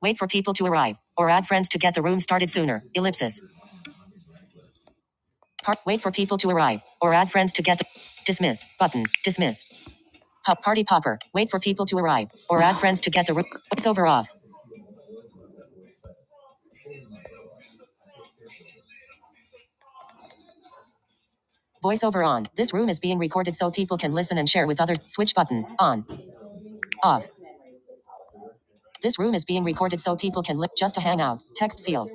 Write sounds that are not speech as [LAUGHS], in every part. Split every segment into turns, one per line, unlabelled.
Wait for people to arrive or add friends to get the room started sooner. Ellipsis. Par- wait for people to arrive or add friends to get the dismiss button. Dismiss. Pop party popper. Wait for people to arrive or add friends to get the room. Voiceover off. Voiceover on. This room is being recorded so people can listen and share with others. Switch button on. Off. This room is being recorded so people can li- just to hang out. Text field.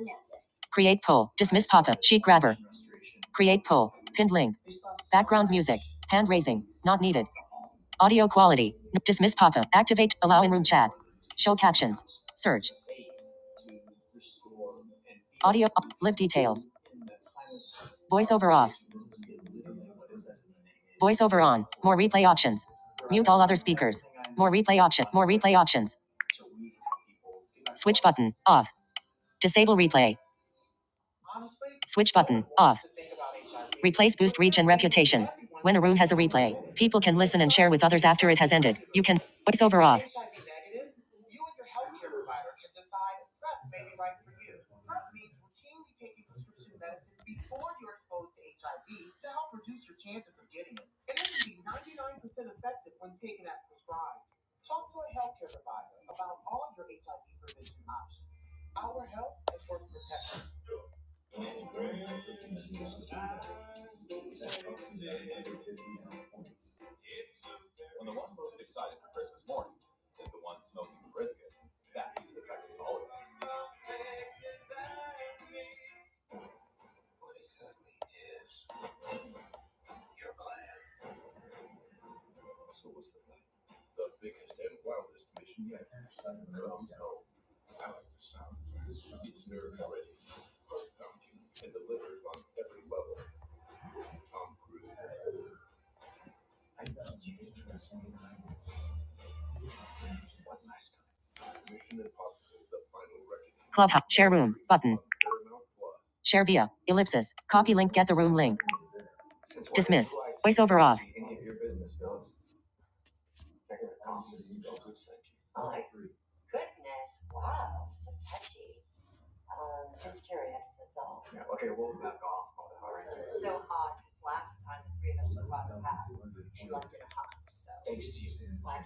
Create poll. Dismiss pop up. Sheet grabber. Create poll. Pinned link. Background music. Hand raising. Not needed. Audio quality. Dismiss pop-up. Activate. Allow in room chat. Show captions. Search. Audio. Live details. Voiceover off. Voiceover on. More replay options. Mute all other speakers. More replay option. More replay options. Switch button. Off. Disable replay. Switch button. Off. Replace boost reach and reputation. When a room has a replay, people can listen and share with others after it has ended. You can voiceover off. Clubhouse. Share room. Button. Share via. Ellipsis. Copy link. Get the room link. Dismiss. Voiceover off.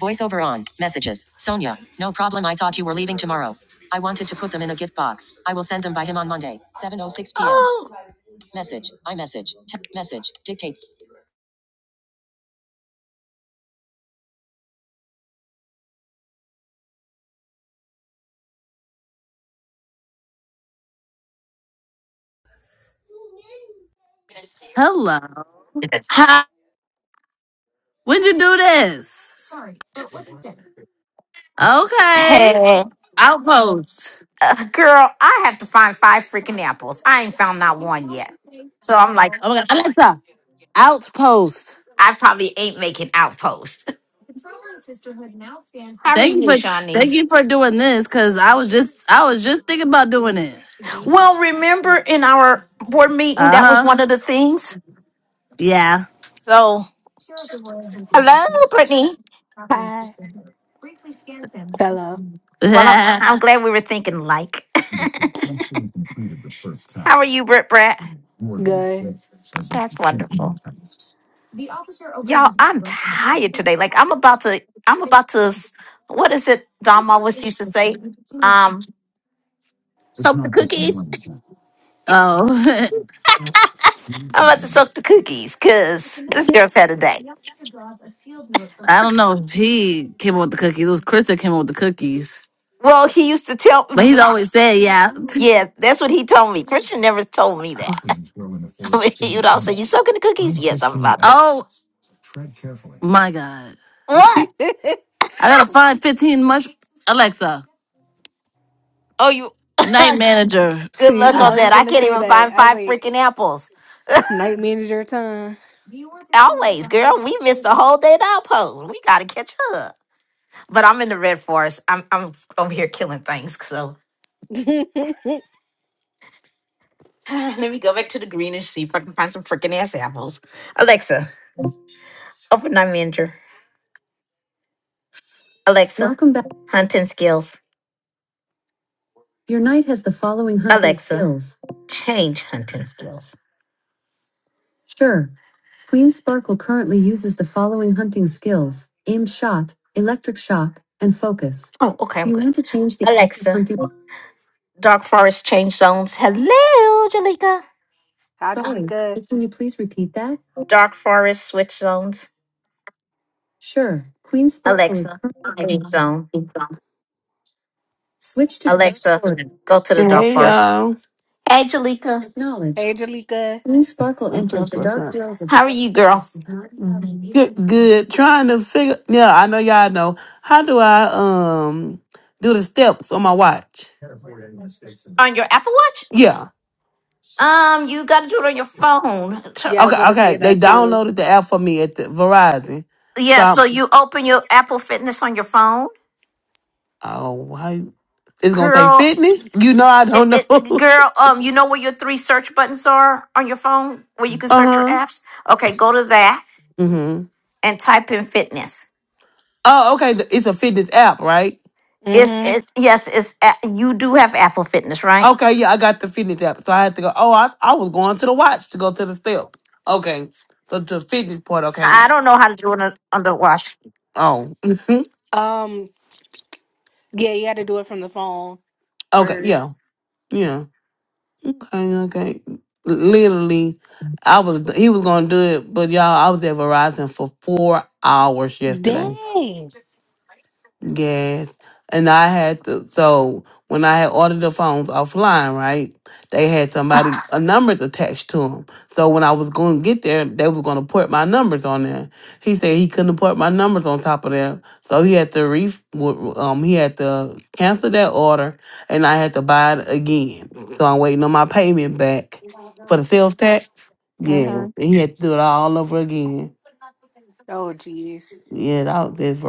Voiceover on. Messages. Sonia. No problem. I thought you were leaving tomorrow. I wanted to put them in a gift box. I will send them by him on Monday, 7:06 p.m. Oh. Message. I message. T- message. Dictate.
Hello. When'd you do this? Okay.
Hey,
Outpost.
uh, girl, I have to find five freaking apples. I ain't found not one yet. So I'm like,
Oh my god. Alexa. Outpost.
I probably ain't making outposts. [LAUGHS] How are
Thank you
you,
for
Shawnee?
thank you for doing this because I was just I was just thinking about doing it.
Well, remember in our board meeting, that was
Uh-huh.
one of the things.
Yeah.
So, hello, Brittany.
Hi. Hello.
Well, I'm,
[LAUGHS] oh.
I'm glad we were thinking like. [LAUGHS] How are you, Britt Brat?
Good.
That's wonderful. Y'all, I'm tired today. Like I'm about to I'm about to s- what is it Dom always used to say? Um,
[LAUGHS]
I'm about to soak the cookies because this girl's had a day.
I don't know if he came up with the cookies. It was Chris that came up with the cookies.
Well, he used to tell
But he's always said yeah.
[LAUGHS]
[LAUGHS]
yeah, that's what he told me. Christian never told me that. [LAUGHS] But he would also say, you soaking the cookies? Yes, I'm about to.
my God.
What?
[LAUGHS]
I gotta find 15 mush Alexa,
Oh you [LAUGHS]
night manager.
good
See,
luck on
I was
that. I
gonna
can't
say
even
that.
find
I was
five
like,
freaking apples.
night manager time.
Always, girl, we missed the whole day at Alpo. We gotta catch up. But I'm in the red forest. I'm I'm over here killing things. So
[LAUGHS] Hi,
[LAUGHS] [SIGHS] let me go back to the greenish see If I can find some freaking ass apples. Alexa, open night manager. Alexa, Welcome back. hunting skills. Your knight has the following hunting Alexa, skills. change hunting skills. Sure. Queen Sparkle currently uses the following hunting skills aimed shot, electric shock, and focus. Oh, okay, I'm You good. want to change the active Alexa, hunting. dark forest change zones. Hello, Jalika. Sorry,
Jalika.
but can you please repeat that? Dark Forest Switch Zones. Sure. Queen Sparkle is Alexa, current. Green Zone. Switch to Dark Alexa, Forest. go to the Dark
Hey [LAUGHS]
Forest.
y'all.
Hey, Jalika.
Hey,
Acknowledged.
Jalika.
Queen Sparkle
What's up?
enters the
What's
dark
up?
grove of How are you, girl?
Good good. Trying to figure yeah, I know y'all know. How do I um do the steps on my watch?
On your Apple Watch?
Yeah.
Um, you got to do it on your phone. Tur-
Yeah, I was
Okay,
gonna
okay.
say
They
that too.
downloaded the app for me at the Verizon. So
Yeah, so
I'm
you open your Apple Fitness on your phone,
oh why? it's gonna say
girl.
fitness? You know I
It,
don't know.
it,
[LAUGHS]
girl, um, you know where your three search buttons are on your phone, where you can search your
uh-huh.
apps. Okay, go to that
hmm
and type in fitness.
Oh, okay. th- It's a fitness app, right?
It's
hmm
it's yes, it's a- you do have Apple Fitness, right?
Okay, yeah, I got the fitness app. So I had to go. Oh, I, I was going to the watch to go to the step. Okay. So the fitness part,
I
okay.
I don't know how to do it on on the watch.
Oh. [LAUGHS] mhm.
Um. Yeah, you had to do it from the phone
okay, yeah.
first.
Yeah. Okay, okay. Literally, I was he was gonna do it, but y'all, I was at Verizon for four hours yesterday.
Dang.
Yes. And I had to, so when I had ordered the phones offline, right, they had somebody, a numbers attached to them. So when I was going to get there, they was going to port my numbers on there. He said he couldn't port my numbers on top of there. So he had to re, w- um, he had to cancel that order and I had to buy it again. So I'm waiting on my payment back for the sales tax. Yeah. And
Mm-hmm.
he had to do it all over again.
Oh, jeez.
Yeah, that was it.